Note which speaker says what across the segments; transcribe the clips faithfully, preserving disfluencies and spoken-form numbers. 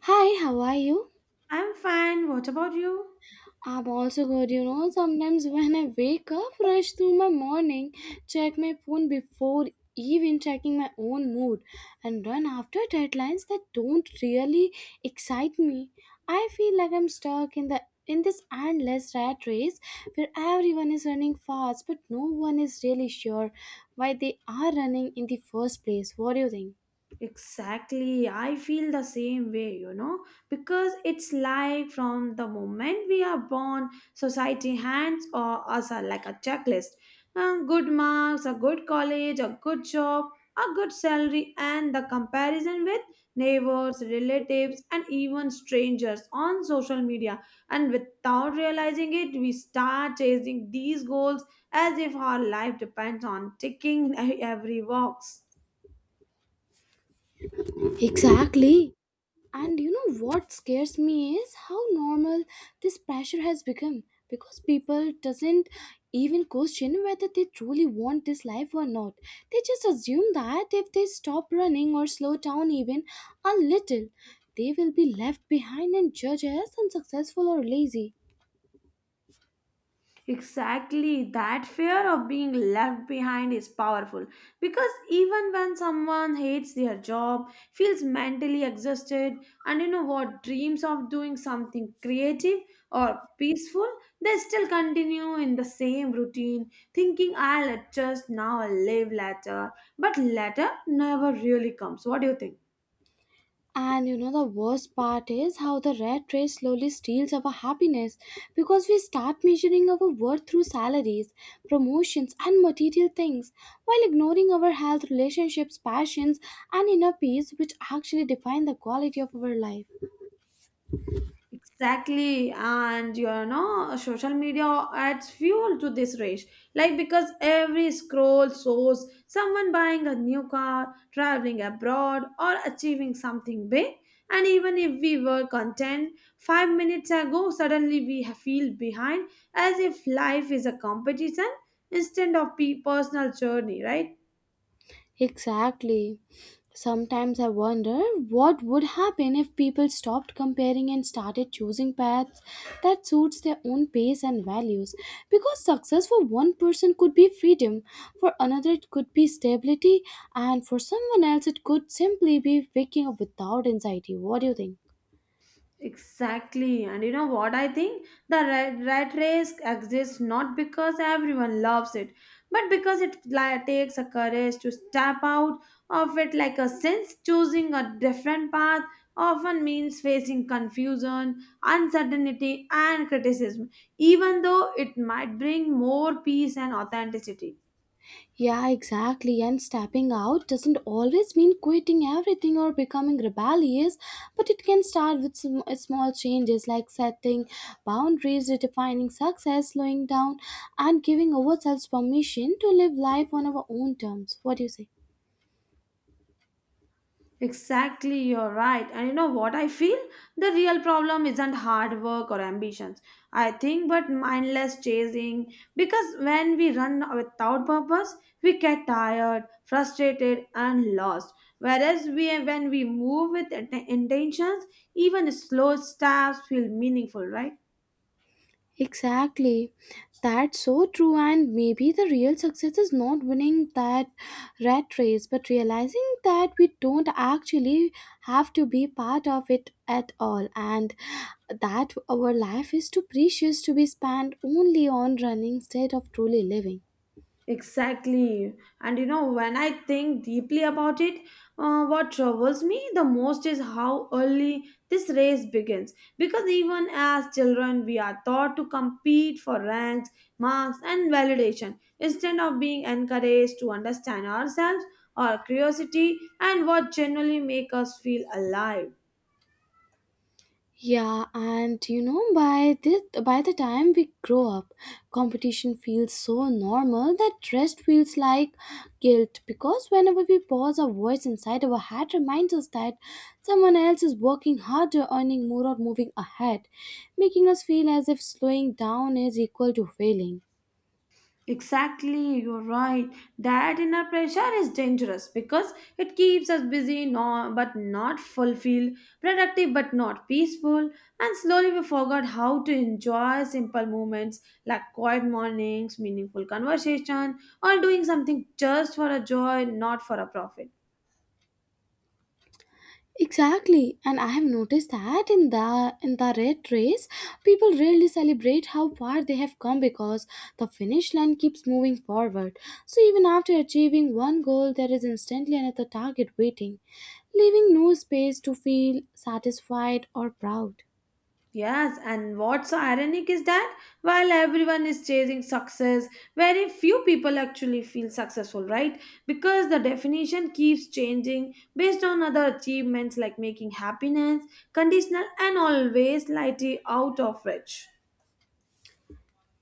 Speaker 1: Hi, how are you?
Speaker 2: I'm fine. What about you?
Speaker 1: I'm also good. You know, sometimes when I wake up, rush through my morning, check my phone before even checking my own mood, and run after deadlines that don't really excite me. I feel like I'm stuck in the in this endless rat race where everyone is running fast, but no one is really sure why they are running in the first place. What do you think?
Speaker 2: Exactly, I feel the same way, you know, because it's like from the moment we are born, society hands or us are like a checklist. Uh, good marks, a good college, a good job, a good salary, and the comparison with neighbors, relatives, and even strangers on social media. And without realizing it, we start chasing these goals as if our life depends on ticking every box.
Speaker 1: Exactly. And you know what scares me is how normal this pressure has become because people doesn't even question whether they truly want this life or not. They just assume that if they stop running or slow down even a little, they will be left behind and judged as unsuccessful or lazy.
Speaker 2: Exactly, that fear of being left behind is powerful because even when someone hates their job, feels mentally exhausted, and you know what, dreams of doing something creative or peaceful, they still continue in the same routine, thinking I'll adjust now, I'll live later, but later never really comes. What do you think?
Speaker 1: And you know, the worst part is how the rat race slowly steals our happiness because we start measuring our worth through salaries, promotions, and material things while ignoring our health, relationships, passions, and inner peace, which actually define the quality of our life.
Speaker 2: Exactly, and you know, social media adds fuel to this race. Like because every scroll shows someone buying a new car, traveling abroad, or achieving something big. And even if we were content five minutes ago, suddenly we ha- feel behind, as if life is a competition instead of pe- personal journey, right?
Speaker 1: Exactly. Sometimes I wonder what would happen if people stopped comparing and started choosing paths that suits their own pace and values. Because success for one person could be freedom, for another it could be stability, and for someone else it could simply be waking up without anxiety. What do you think?
Speaker 2: Exactly. And you know what I think? The rat, rat race exists not because everyone loves it, but because it li- takes a courage to step out of it like a sense choosing a different path often means facing confusion, uncertainty and criticism, even though it might bring more peace and authenticity.
Speaker 1: Yeah, exactly. And stepping out doesn't always mean quitting everything or becoming rebellious, but it can start with some small changes like setting boundaries, redefining success, slowing down, and giving ourselves permission to live life on our own terms. What do you say?
Speaker 2: Exactly, you're right. And you know what I feel? The real problem isn't hard work or ambitions, I think, but mindless chasing. Because when we run without purpose, we get tired, frustrated, and lost. Whereas we, when we move with int- intentions, even slow steps feel meaningful, right?
Speaker 1: Exactly. That's so true. And maybe the real success is not winning that rat race, but realizing that we don't actually have to be part of it at all. And that our life is too precious to be spent only on running instead of truly living.
Speaker 2: Exactly. And you know, when I think deeply about it, uh, what troubles me the most is how early this race begins. Because even as children, we are taught to compete for ranks, marks, and validation instead of being encouraged to understand ourselves, our curiosity, and what generally make us feel alive.
Speaker 1: Yeah, and you know, by this, by the time we grow up, competition feels so normal that rest feels like guilt because whenever we pause, our voice inside our head reminds us that someone else is working harder, earning more, or moving ahead, making us feel as if slowing down is equal to failing.
Speaker 2: Exactly, you're right. That inner pressure is dangerous because it keeps us busy no, but not fulfilled, productive but not peaceful, and slowly we forgot how to enjoy simple moments like quiet mornings, meaningful conversation, or doing something just for a joy, not for a profit.
Speaker 1: Exactly, and I have noticed that in the in the red race, people rarely celebrate how far they have come because the finish line keeps moving forward. So even after achieving one goal, there is instantly another target waiting, leaving no space to feel satisfied or proud.
Speaker 2: Yes, and what's so ironic is that while everyone is chasing success, very few people actually feel successful, right? Because the definition keeps changing based on other achievements like making happiness conditional and always slightly out of reach.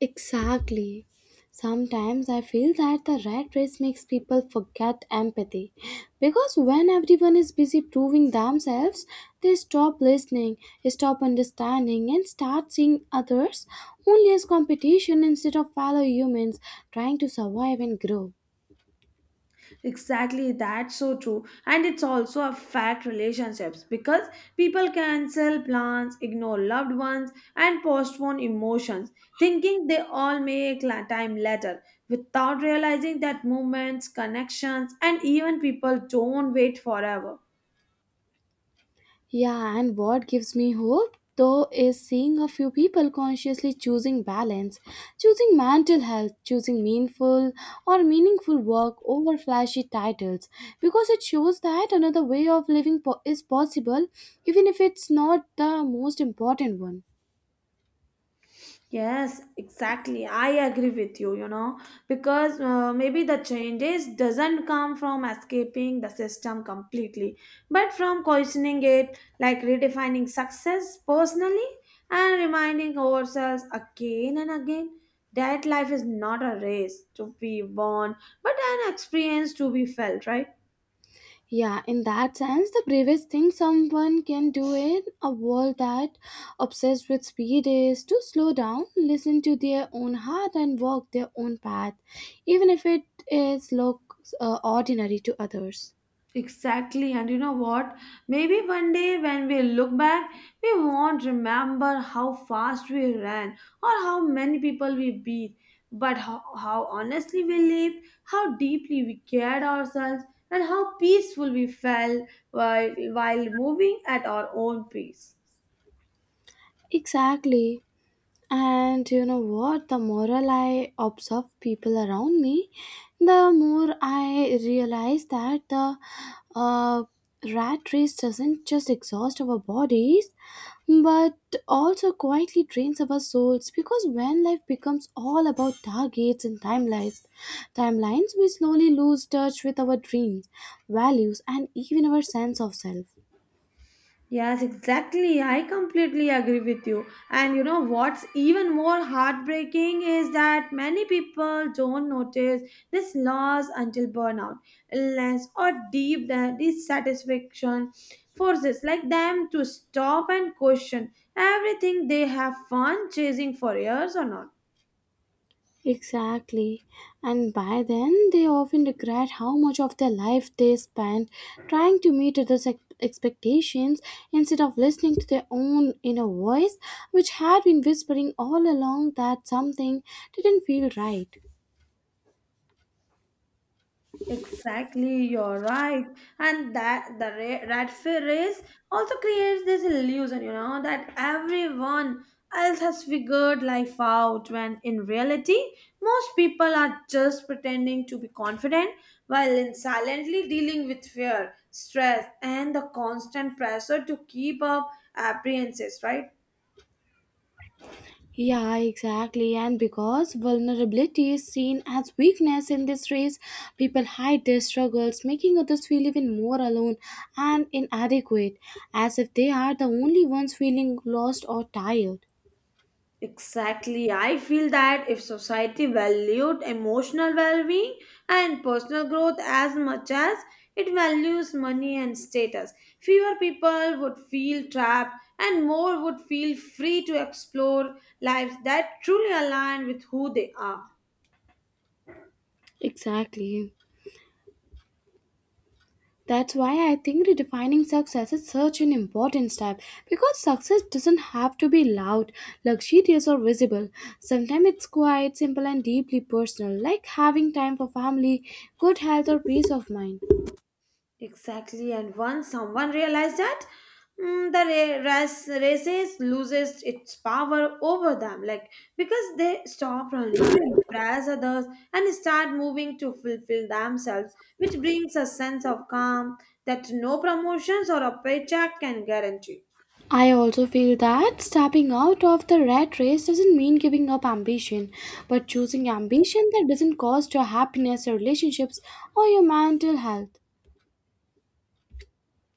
Speaker 1: Exactly. Sometimes I feel that the rat race makes people forget empathy because when everyone is busy proving themselves, they stop listening, stop understanding, and start seeing others only as competition instead of fellow humans trying to survive and grow.
Speaker 2: Exactly, that's so true. And it's also affect relationships because people cancel plans, ignore loved ones, and postpone emotions, thinking they all make la- time later, without realizing that moments, connections, and even people don't wait forever.
Speaker 1: Yeah, and what gives me hope though is seeing a few people consciously choosing balance, choosing mental health, choosing meaningful or meaningful work over flashy titles because it shows that another way of living po- is possible even if it's not the most important one.
Speaker 2: Yes, exactly. I agree with you, you know, because uh, maybe the changes doesn't come from escaping the system completely, but from questioning it, like redefining success personally and reminding ourselves again and again that life is not a race to be won, but an experience to be felt, right?
Speaker 1: Yeah, in that sense, the bravest thing someone can do in a world that obsessed with speed is to slow down, listen to their own heart, and walk their own path, even if it is looks uh, ordinary to others.
Speaker 2: Exactly, and you know what? Maybe one day when we look back, we won't remember how fast we ran or how many people we beat, but how, how honestly we lived, how deeply we cared ourselves, and how peaceful we felt while, while moving at our own pace.
Speaker 1: Exactly. And you know what? The more I observe people around me, the more I realize that the uh, rat race doesn't just exhaust our bodies, but also quietly drains our souls. Because when life becomes all about targets and timelines, timelines, we slowly lose touch with our dreams, values, and even our sense of self.
Speaker 2: Yes, exactly. I completely agree with you. And you know what's even more heartbreaking is that many people don't notice this loss until burnout, illness, or deep da- dissatisfaction forces like them to stop and question everything they have fun chasing for years or not.
Speaker 1: Exactly. And by then, they often regret how much of their life they spent trying to meet others' ex- expectations instead of listening to their own inner voice, which had been whispering all along that something didn't feel right.
Speaker 2: Exactly, you're right. And that the ra- rat fear race also creates this illusion, you know, that everyone else has figured life out when in reality, most people are just pretending to be confident while in silently dealing with fear, stress, and the constant pressure to keep up apprehenses, right?
Speaker 1: Yeah, exactly. And because vulnerability is seen as weakness in this race, people hide their struggles, making others feel even more alone and inadequate, as if they are the only ones feeling lost or tired.
Speaker 2: Exactly. I feel that if society valued emotional well being and personal growth as much as it values money and status, fewer people would feel trapped and more would feel free to explore lives that truly align with who they are.
Speaker 1: Exactly. That's why I think redefining success is such an important step because success doesn't have to be loud, luxurious, or visible. Sometimes it's quiet, simple, and deeply personal, like having time for family, good health, or peace of mind.
Speaker 2: Exactly, and once someone realized that, Mm, the ra- ras- races loses its power over them like because they stop running to impress others and start moving to fulfill themselves which brings a sense of calm that no promotions or a paycheck can guarantee
Speaker 1: I also feel that stepping out of the rat race doesn't mean giving up ambition, but choosing ambition that doesn't cost your happiness, your relationships, or your mental health.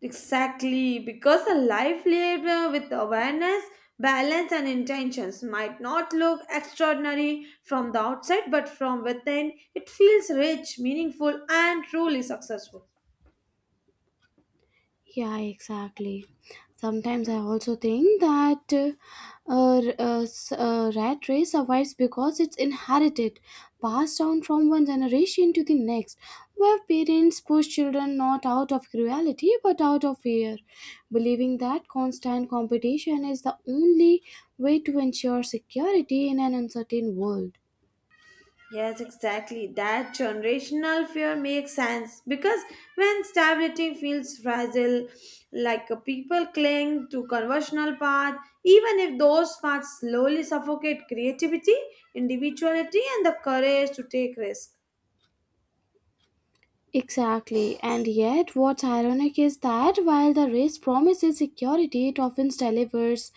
Speaker 2: exactly because a life lived uh, with awareness balance and intentions might not look extraordinary from the outside but from within it feels rich meaningful and truly successful.
Speaker 1: Yeah, exactly. Sometimes I also think that uh, a, a s- a rat race survives because it's inherited, passed down from one generation to the next, where parents push children not out of cruelty but out of fear, believing that constant competition is the only way to ensure security in an uncertain world.
Speaker 2: Yes, exactly. That generational fear makes sense because when stability feels fragile, like uh, people cling to conventional path, even if those paths slowly suffocate creativity, individuality, and the courage to take risks.
Speaker 1: Exactly, and yet what's ironic is that while the race promises security, it often delivers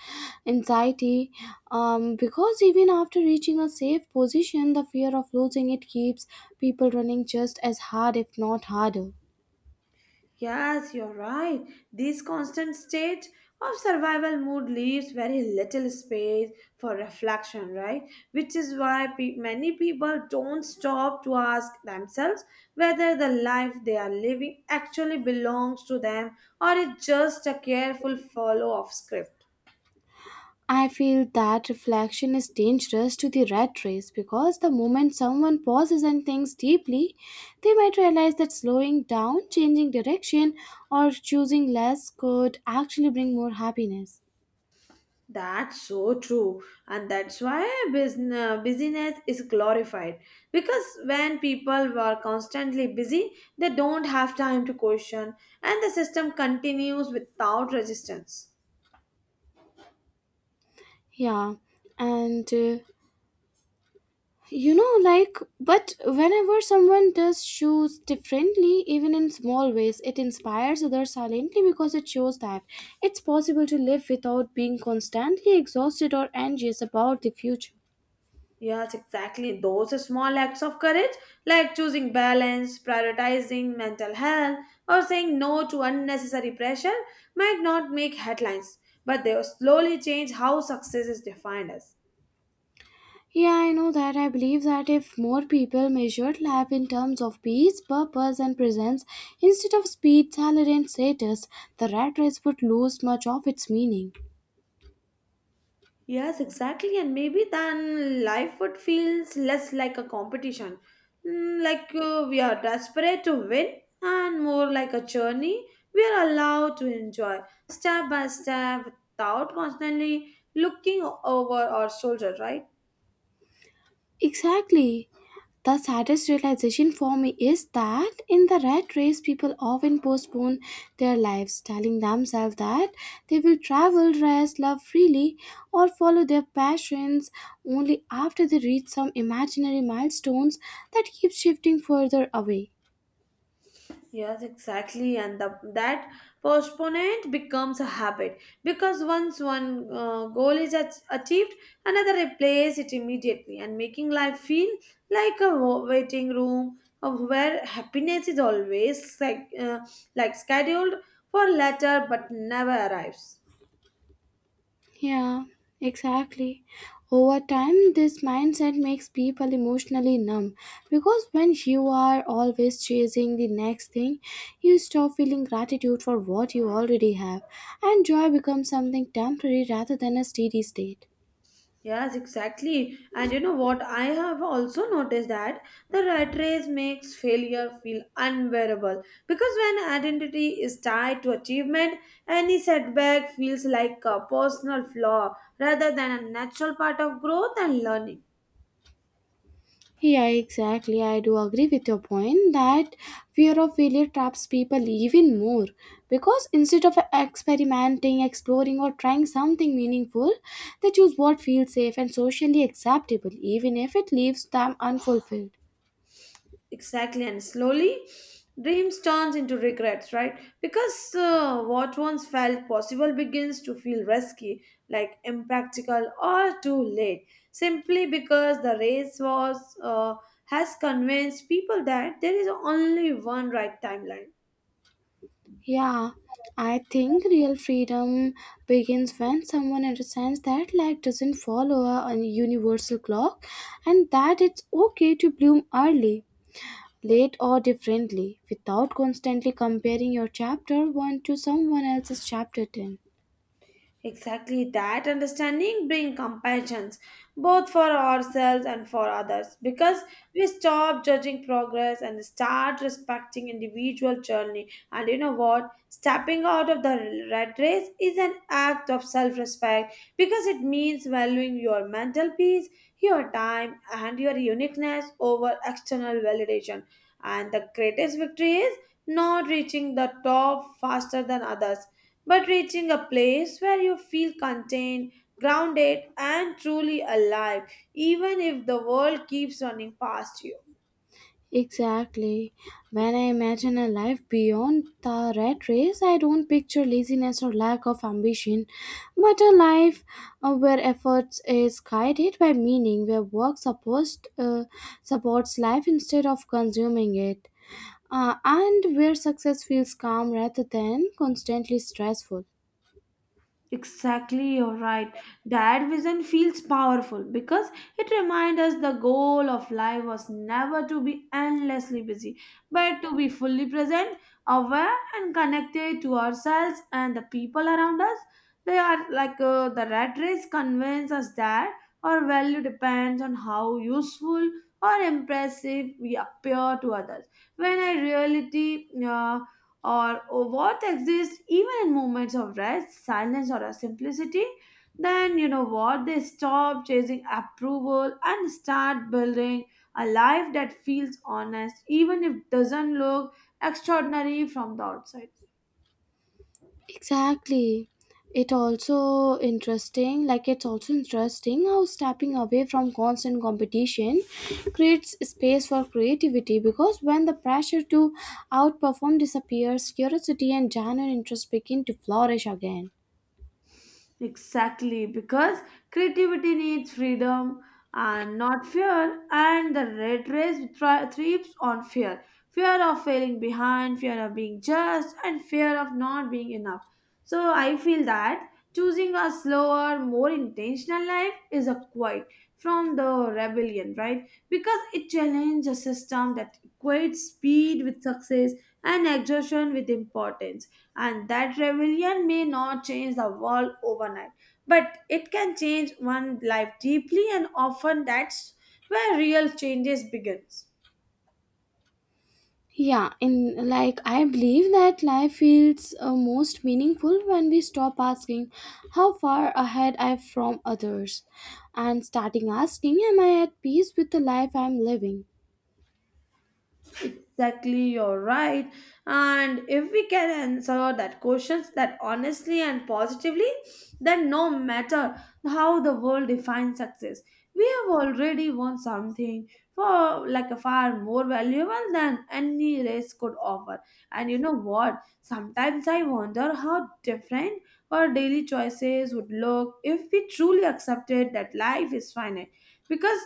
Speaker 1: anxiety um, because even after reaching a safe position, the fear of losing it keeps people running just as hard, if not harder.
Speaker 2: Yes, you're right. This constant state of survival mood leaves very little space for reflection, right? Which is why pe- many people don't stop to ask themselves whether the life they are living actually belongs to them or is just a careful follow of script.
Speaker 1: I feel that reflection is dangerous to the rat race because the moment someone pauses and thinks deeply, they might realize that slowing down, changing direction, or choosing less could actually bring more happiness.
Speaker 2: That's so true, and that's why business busyness is glorified because when people are constantly busy, they don't have time to question, and the system continues without resistance.
Speaker 1: Yeah, and uh, you know, like, but whenever someone does shoes differently, even in small ways, it inspires others silently because it shows that it's possible to live without being constantly exhausted or anxious about the future.
Speaker 2: Yes, exactly. Those are small acts of courage, like choosing balance, prioritizing mental health, or saying no to unnecessary pressure, might not make headlines, but they will slowly change how success is defined as.
Speaker 1: Yeah, I know that. I believe that if more people measured life in terms of peace, purpose, and presence instead of speed, salary, and status, the rat race would lose much of its meaning.
Speaker 2: Yes, exactly. And maybe then life would feel less like a competition. Mm, Like uh, we are desperate to win and more like a journey we are allowed to enjoy step by step without constantly looking over our shoulder, right?
Speaker 1: Exactly. The saddest realization for me is that in the rat race, people often postpone their lives, telling themselves that they will travel, rest, love freely, or follow their passions only after they reach some imaginary milestones that keep shifting further away.
Speaker 2: Yes, exactly, and the, that postponement becomes a habit because once one uh, goal is ach- achieved, another replaces it immediately, and making life feel like a wa- waiting room of where happiness is always like uh, like scheduled for later but never arrives.
Speaker 1: Yeah, exactly. Over time, this mindset makes people emotionally numb because when you are always chasing the next thing, you stop feeling gratitude for what you already have, and joy becomes something temporary rather than a steady state.
Speaker 2: Yes, exactly. And you know what? I have also noticed that the rat race makes failure feel unbearable because when identity is tied to achievement, any setback feels like a personal flaw rather than a natural part of growth and learning.
Speaker 1: Yeah, exactly. I do agree with your point that fear of failure traps people even more because instead of experimenting, exploring, or trying something meaningful, they choose what feels safe and socially acceptable, even if it leaves them unfulfilled.
Speaker 2: Exactly, and slowly dreams turns into regrets, right? Because uh, what once felt possible begins to feel risky, like impractical or too late, simply because the race was uh, has convinced people that there is only one right timeline.
Speaker 1: Yeah, I think real freedom begins when someone understands that life doesn't follow a a universal clock and that it's okay to bloom early, late or differently without constantly comparing your chapter one to someone else's chapter ten.
Speaker 2: Exactly that understanding brings compassions both for ourselves and for others because we stop judging progress and start respecting individual journey and you know what stepping out of the rat race is an act of self-respect because it means valuing your mental peace your time and your uniqueness over external validation and the greatest victory is not reaching the top faster than others but reaching a place where you feel contained, grounded, and truly alive, even if the world keeps running past you.
Speaker 1: Exactly. When I imagine a life beyond the rat race, I don't picture laziness or lack of ambition, but a life uh, where efforts is guided by meaning, where work supports, uh, supports life instead of consuming it, uh, and where success feels calm rather than constantly stressful.
Speaker 2: Exactly, you're right. That vision feels powerful because it reminds us the goal of life was never to be endlessly busy, but to be fully present, aware, and connected to ourselves and the people around us. They are like uh, the rat race convinces us that our value depends on how useful or impressive we appear to others. When in reality, uh, or what exists even in moments of rest, silence, or a simplicity, then you know what they stop chasing approval and start building a life that feels honest, even if doesn't look extraordinary from the outside.
Speaker 1: Exactly. It also interesting, like it's also interesting how stepping away from constant competition creates space for creativity because when the pressure to outperform disappears, curiosity and genuine interest begin to flourish again.
Speaker 2: Exactly, because creativity needs freedom and not fear, and the red race thri- thrives on fear fear of failing behind, fear of being judged, and fear of not being enough. So, I feel that choosing a slower, more intentional life is a quiet from the rebellion, right? Because it challenges a system that equates speed with success and exhaustion with importance. And that rebellion may not change the world overnight, but it can change one life deeply, and often that's where real changes begins.
Speaker 1: Yeah, in like I believe that life feels uh, most meaningful when we stop asking how far ahead I am from others and starting asking am I at peace with the life I'm living.
Speaker 2: Exactly, you're right. And if we can answer that questions that honestly and positively, then no matter how the world defines success, we have already won something for like a far more valuable than any race could offer. And you know what? Sometimes I wonder how different our daily choices would look if we truly accepted that life is finite. Because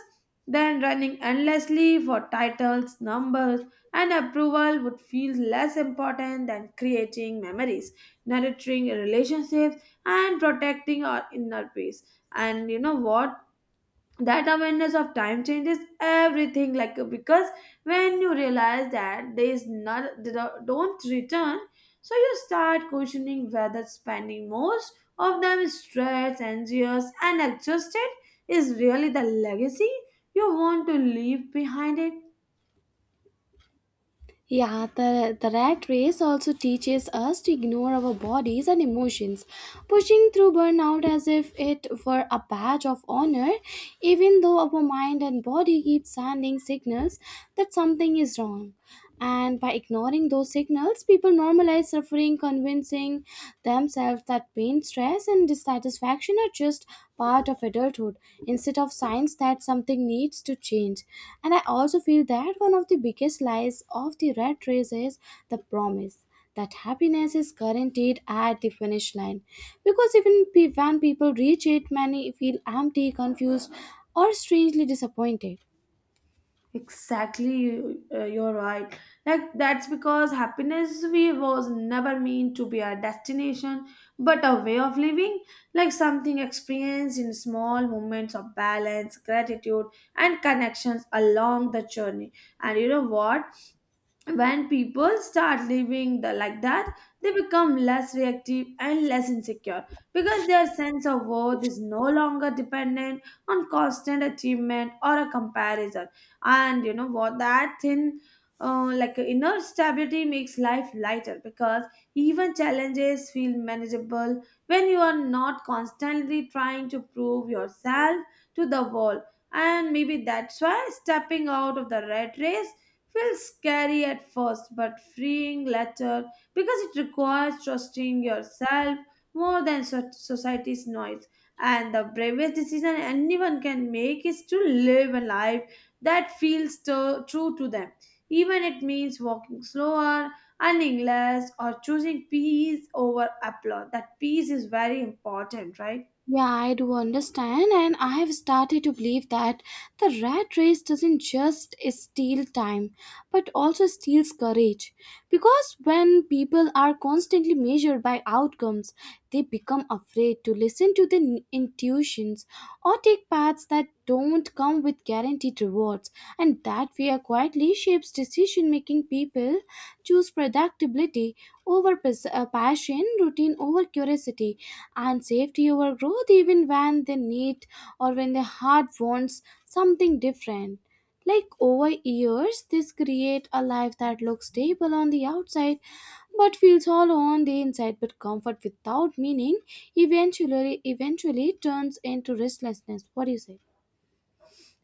Speaker 2: then running endlessly for titles, numbers, and approval would feel less important than creating memories, nurturing relationships, and protecting our inner peace. And you know what? That awareness of time changes everything. Like because when you realize that days not they don't don't return, so you start questioning whether spending most of them stressed, anxious, and exhausted is really the legacy you want to leave behind it.
Speaker 1: Yeah, the, the rat race also teaches us to ignore our bodies and emotions, pushing through burnout as if it were a badge of honor, even though our mind and body keep sending signals that something is wrong. And by ignoring those signals, people normalize suffering, convincing themselves that pain stress and dissatisfaction are just part of adulthood instead of signs that something needs to change. And I also feel that one of the biggest lies of the rat race is the promise that happiness is guaranteed at the finish line. Because even pe- when people reach it, many feel empty, confused, or strangely disappointed.
Speaker 2: Exactly, you- uh, you're right. Like that's because happiness we was never meant to be a destination, but a way of living, like something experienced in small moments of balance, gratitude, and connections along the journey. And you know what? When people start living the, like that, they become less reactive and less insecure because their sense of worth is no longer dependent on constant achievement or a comparison. And you know what? That thin uh, Like inner stability makes life lighter because even challenges feel manageable when you are not constantly trying to prove yourself to the world. And maybe that's why stepping out of the rat race feels scary at first but freeing later, because it requires trusting yourself more than so- society's noise. And the bravest decision anyone can make is to live a life that feels tu- true to them, even it means walking slower, earning less, or choosing peace over applause. That peace is very important, right?
Speaker 1: Yeah, I do understand, and I have started to believe that the rat race doesn't just steal time but also steals courage. Because when people are constantly measured by outcomes, they become afraid to listen to their n- intuitions or take paths that don't come with guaranteed rewards, and that fear quietly shapes decision making people choose predictability over pas- uh, passion, routine over curiosity, and safety over growth, even when they need or when the heart wants something different. Like over years, this create a life that looks stable on the outside but feels hollow on the inside. But comfort without meaning eventually eventually turns into restlessness. What do you say?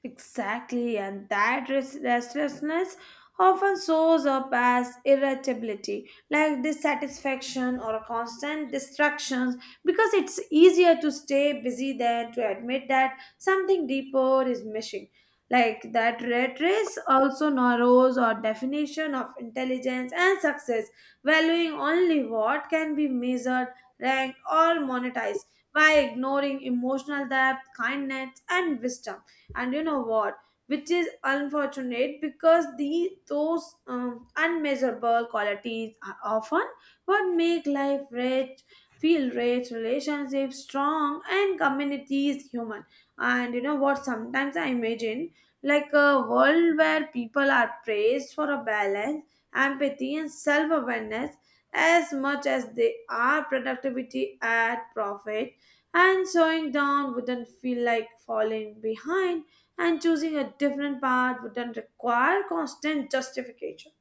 Speaker 2: Exactly, and that res- restlessness often shows up as irritability, like dissatisfaction or a constant distractions, because it's easier to stay busy than to admit that something deeper is missing. Like that red race also narrows our definition of intelligence and success, valuing only what can be measured, ranked, or monetized by ignoring emotional depth, kindness, and wisdom. And you know what? Which is unfortunate, because the those um, unmeasurable qualities are often what make life rich, feel rich, relationships strong, and communities human. And you know what? Sometimes I imagine like a world where people are praised for a balance, empathy, and self-awareness as much as they are productivity at profit, and slowing down wouldn't feel like falling behind, and choosing a different path wouldn't require constant justification.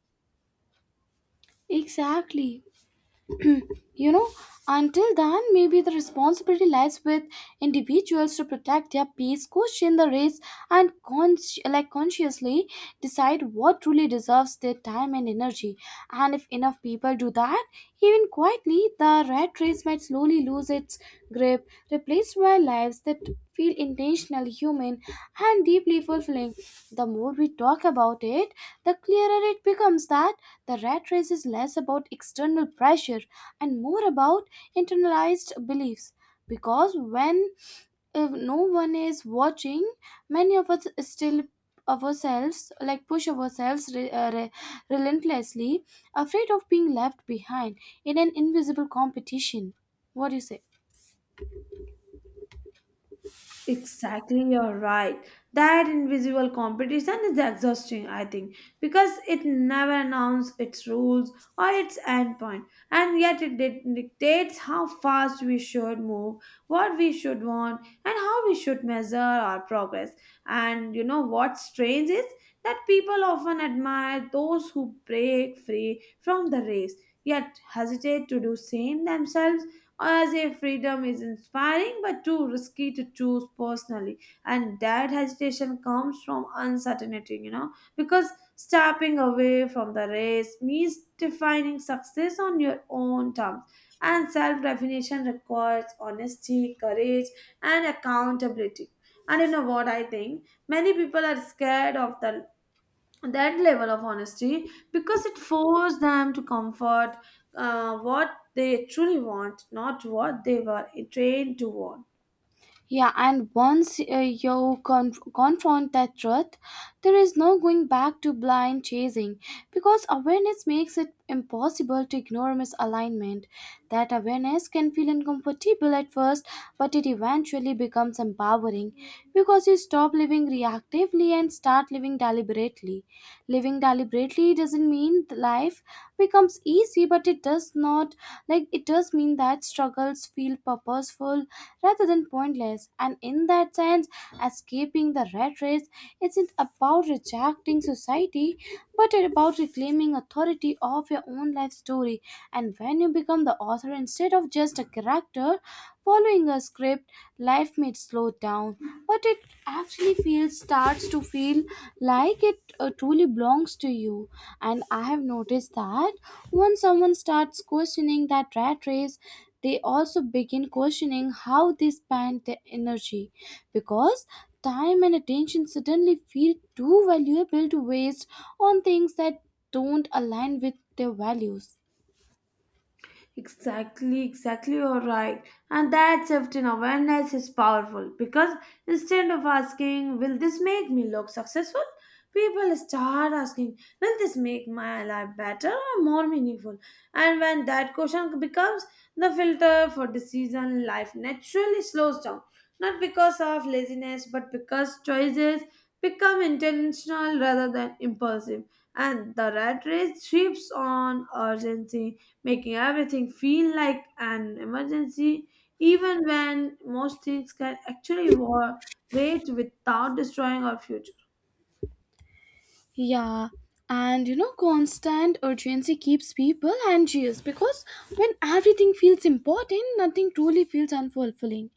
Speaker 1: Exactly. You know, until then, maybe the responsibility lies with individuals to protect their peace, question the race, and cons- like consciously decide what truly deserves their time and energy. And if enough people do that, even quietly, the rat race might slowly lose its its grip, replaced by lives that feel intentional, human, and deeply fulfilling. The more we talk about it, the clearer it becomes that the rat race is less about external pressure and more about internalized beliefs. Because when if no one is watching, many of us still of ourselves like push ourselves re- uh, re- relentlessly, afraid of being left behind in an invisible competition. What do you say?
Speaker 2: Exactly, you're right. That invisible competition is exhausting, I think, because it never announced its rules or its endpoint, and yet it di- dictates how fast we should move, what we should want, and how we should measure our progress. And you know what's strange is that people often admire those who break free from the race, yet hesitate to do same themselves, as if freedom is inspiring but too risky to choose personally. And that hesitation comes from uncertainty, you know, because stepping away from the race means defining success on your own terms. And self definition requires honesty, courage, and accountability. And you know what I think? Many people are scared of the that level of honesty because it forced them to comfort uh, what they truly want, not what they were trained to want.
Speaker 1: Yeah, and once uh, you con- confront that truth, there is no going back to blind chasing because awareness makes it impossible to ignore misalignment. That awareness can feel uncomfortable at first, but it eventually becomes empowering because you stop living reactively and start living deliberately. Living deliberately doesn't mean that life becomes easy, but it does not like it does mean that struggles feel purposeful rather than pointless. And in that sense, escaping the rat race isn't about rejecting society, but about reclaiming authority of your own life story. And when you become the author instead of just a character following a script, life may slow down but it actually feels starts to feel like it uh, truly belongs to you. And I have noticed that when someone starts questioning that rat race, they also begin questioning how they spend their energy, because time and attention suddenly feel too valuable to waste on things that don't align with their values.
Speaker 2: Exactly, exactly, you're right. And that shift in awareness is powerful because instead of asking, will this make me look successful? People start asking, will this make my life better or more meaningful? And when that question becomes the filter for decision, life naturally slows down. Not because of laziness, but because choices become intentional rather than impulsive. And the rat race thrives on urgency, making everything feel like an emergency, even when most things can actually wa- wait without destroying our future.
Speaker 1: Yeah, and you know, constant urgency keeps people anxious, because when everything feels important, nothing truly feels unfulfilling.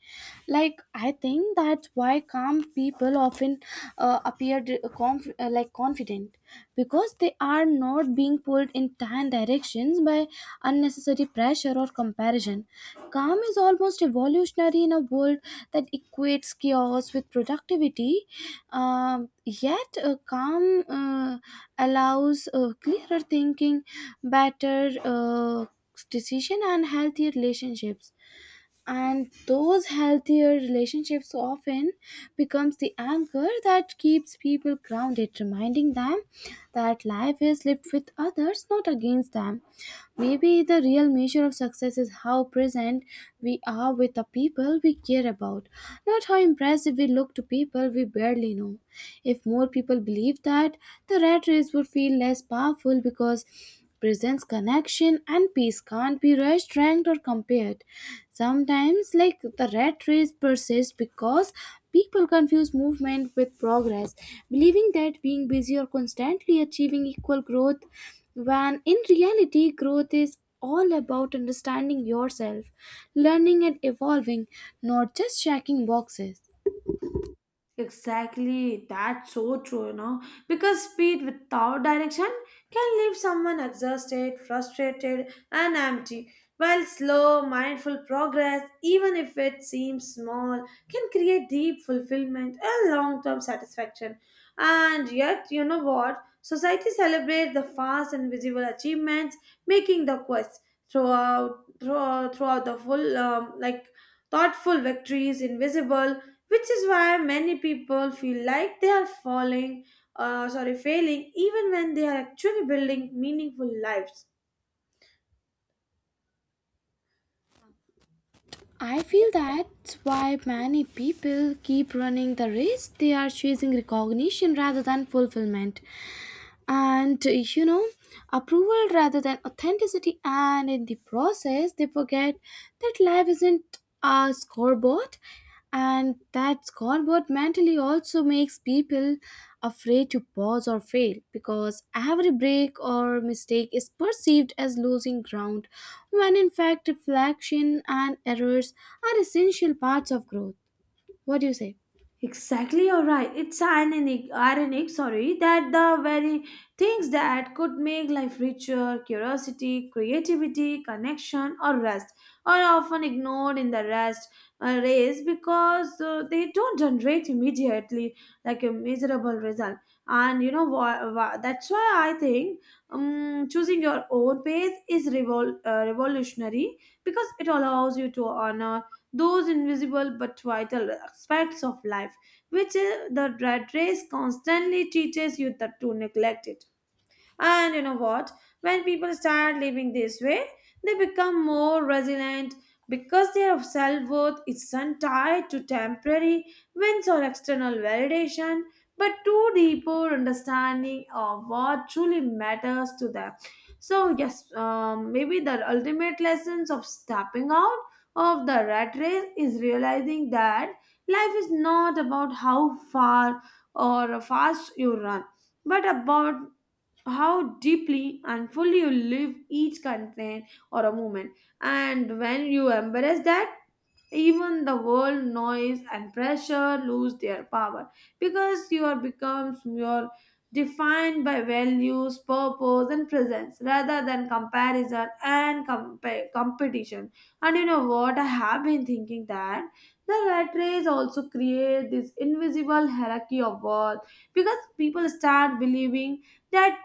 Speaker 1: Like I think that's why calm people often uh, appear d- conf- uh, like confident, because they are not being pulled in ten directions by unnecessary pressure or comparison. Calm is almost evolutionary in a world that equates chaos with productivity. Um, Yet, uh, calm uh, allows uh, clearer thinking, better uh, decision, and healthier relationships. And those healthier relationships often becomes the anchor that keeps people grounded, reminding them that life is lived with others, not against them. Maybe the real measure of success is how present we are with the people we care about, not how impressive we look to people we barely know. If more people believed that, the rat race would feel less powerful because presence, connection, and peace can't be rushed, ranked, or compared. Sometimes, like the rat race persists because people confuse movement with progress, believing that being busy or constantly achieving equal growth, when in reality growth is all about understanding yourself, learning and evolving, not just checking boxes.
Speaker 2: Exactly, that's so true, you know. Because speed without direction can leave someone exhausted, frustrated, and empty. While slow, mindful progress, even if it seems small, can create deep fulfillment and long term satisfaction. And yet, you know what? Society celebrates the fast and visible achievements, making the quest throughout, throughout, throughout the full, um, like thoughtful victories invisible, which is why many people feel like they are falling uh, sorry failing even when they are actually building meaningful lives.
Speaker 1: I feel that's why many people keep running the race. They are chasing recognition rather than fulfillment, and uh, you know, approval rather than authenticity, and in the process they forget that life isn't a scoreboard. And that scoreboard mentally also makes people afraid to pause or fail, because every break or mistake is perceived as losing ground, when in fact reflection and errors are essential parts of growth. What do you say?
Speaker 2: Exactly, you're right. It's ironic, ironic, sorry, that the very things that could make life richer, curiosity, creativity, connection, or rest, are often ignored in the rest uh, race, because uh, they don't generate immediately like a miserable result. And you know why, why, that's why I think um, choosing your own pace is revol- uh, revolutionary, because it allows you to honor those invisible but vital aspects of life, which uh, the rat race constantly teaches you that to neglect it. And you know what? When people start living this way, they become more resilient because their self worth isn't tied to temporary wins or external validation, but to deeper understanding of what truly matters to them. So, yes, um, maybe the ultimate lessons of stepping out of the rat race is realizing that life is not about how far or fast you run, but about how deeply and fully you live each content or a moment. And when you embrace that, even the world noise and pressure lose their power because you are becomes your defined by values, purpose, and presence rather than comparison and compa- competition. And you know what? I have been thinking that the rat race also create this invisible hierarchy of worth because people start believing that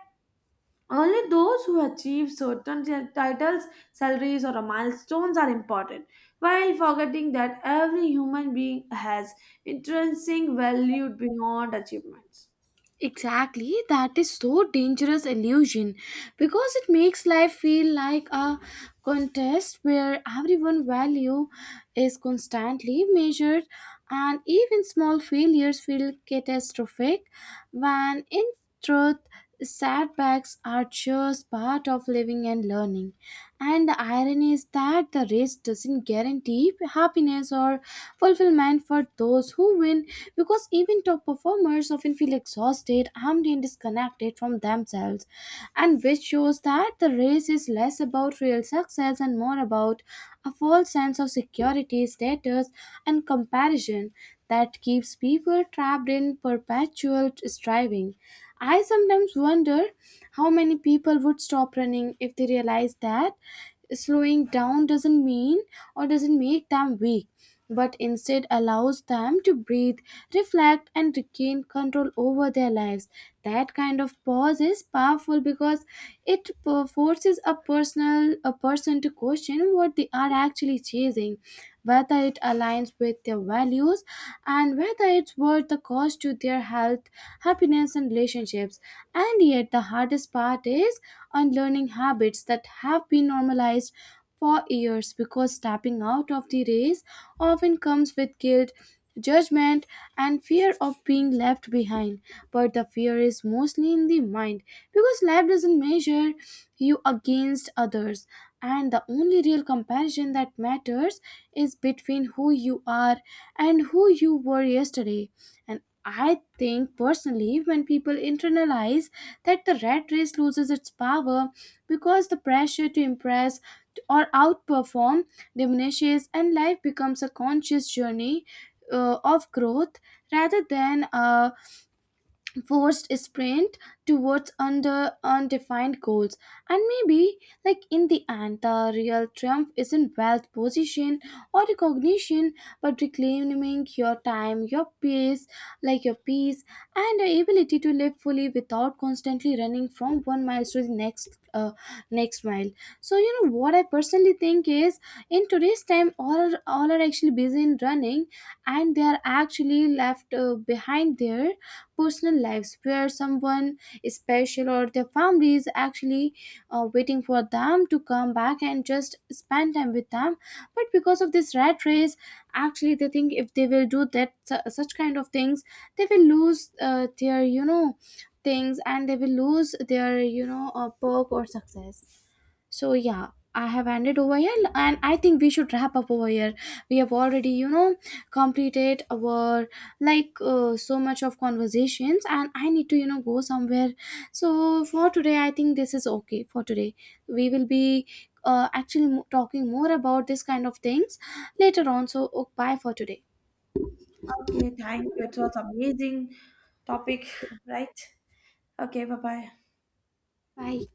Speaker 2: only those who achieve certain ti- titles, salaries, or milestones are important, while forgetting that every human being has intrinsic value beyond achievements.
Speaker 1: Exactly, that is so dangerous illusion because it makes life feel like a contest where everyone value is constantly measured and even small failures feel catastrophic, when in truth setbacks are just part of living and learning. And the irony is that the race doesn't guarantee happiness or fulfillment for those who win, because even top performers often feel exhausted, empty, and disconnected from themselves. And which shows that the race is less about real success and more about a false sense of security, status, and comparison that keeps people trapped in perpetual striving. I sometimes wonder how many people would stop running if they realized that slowing down doesn't mean or doesn't make them weak, but instead allows them to breathe, reflect, and regain control over their lives. That kind of pause is powerful because it po- forces a personal a person to question what they are actually chasing, whether it aligns with their values, and whether it's worth the cost to their health, happiness and relationships. And yet the hardest part is unlearning habits that have been normalized for years, because stepping out of the race often comes with guilt, judgment, and fear of being left behind. But the fear is mostly in the mind, because life doesn't measure you against others, and the only real comparison that matters is between who you are and who you were yesterday. And I think personally, when people internalize that, the rat race loses its power, because the pressure to impress or outperform diminishes, and life becomes a conscious journey uh, of growth rather than a forced sprint towards under undefined goals. And maybe, like, in the end the real triumph isn't wealth, position, or recognition, but reclaiming your time, your pace, like your peace, and the ability to live fully without constantly running from one mile to the next uh, next mile. So you know what I personally think is, in today's time, all are, all are actually busy in running, and they are actually left uh, behind there personal lives, where someone special or their family is actually uh, waiting for them to come back and just spend time with them. But because of this rat race, actually they think if they will do that su- such kind of things, they will lose uh, their, you know, things, and they will lose their, you know, uh, perk or success. So yeah, I have ended over here, and I think we should wrap up over here. We have already, you know, completed our, like, uh, so much of conversations, and I need to, you know, go somewhere. So for today, I think this is okay. For today, we will be uh, actually mo- talking more about this kind of things later on. So, oh, bye for today.
Speaker 2: Okay, thank you. It was amazing topic, right? Okay, bye bye.
Speaker 1: Bye.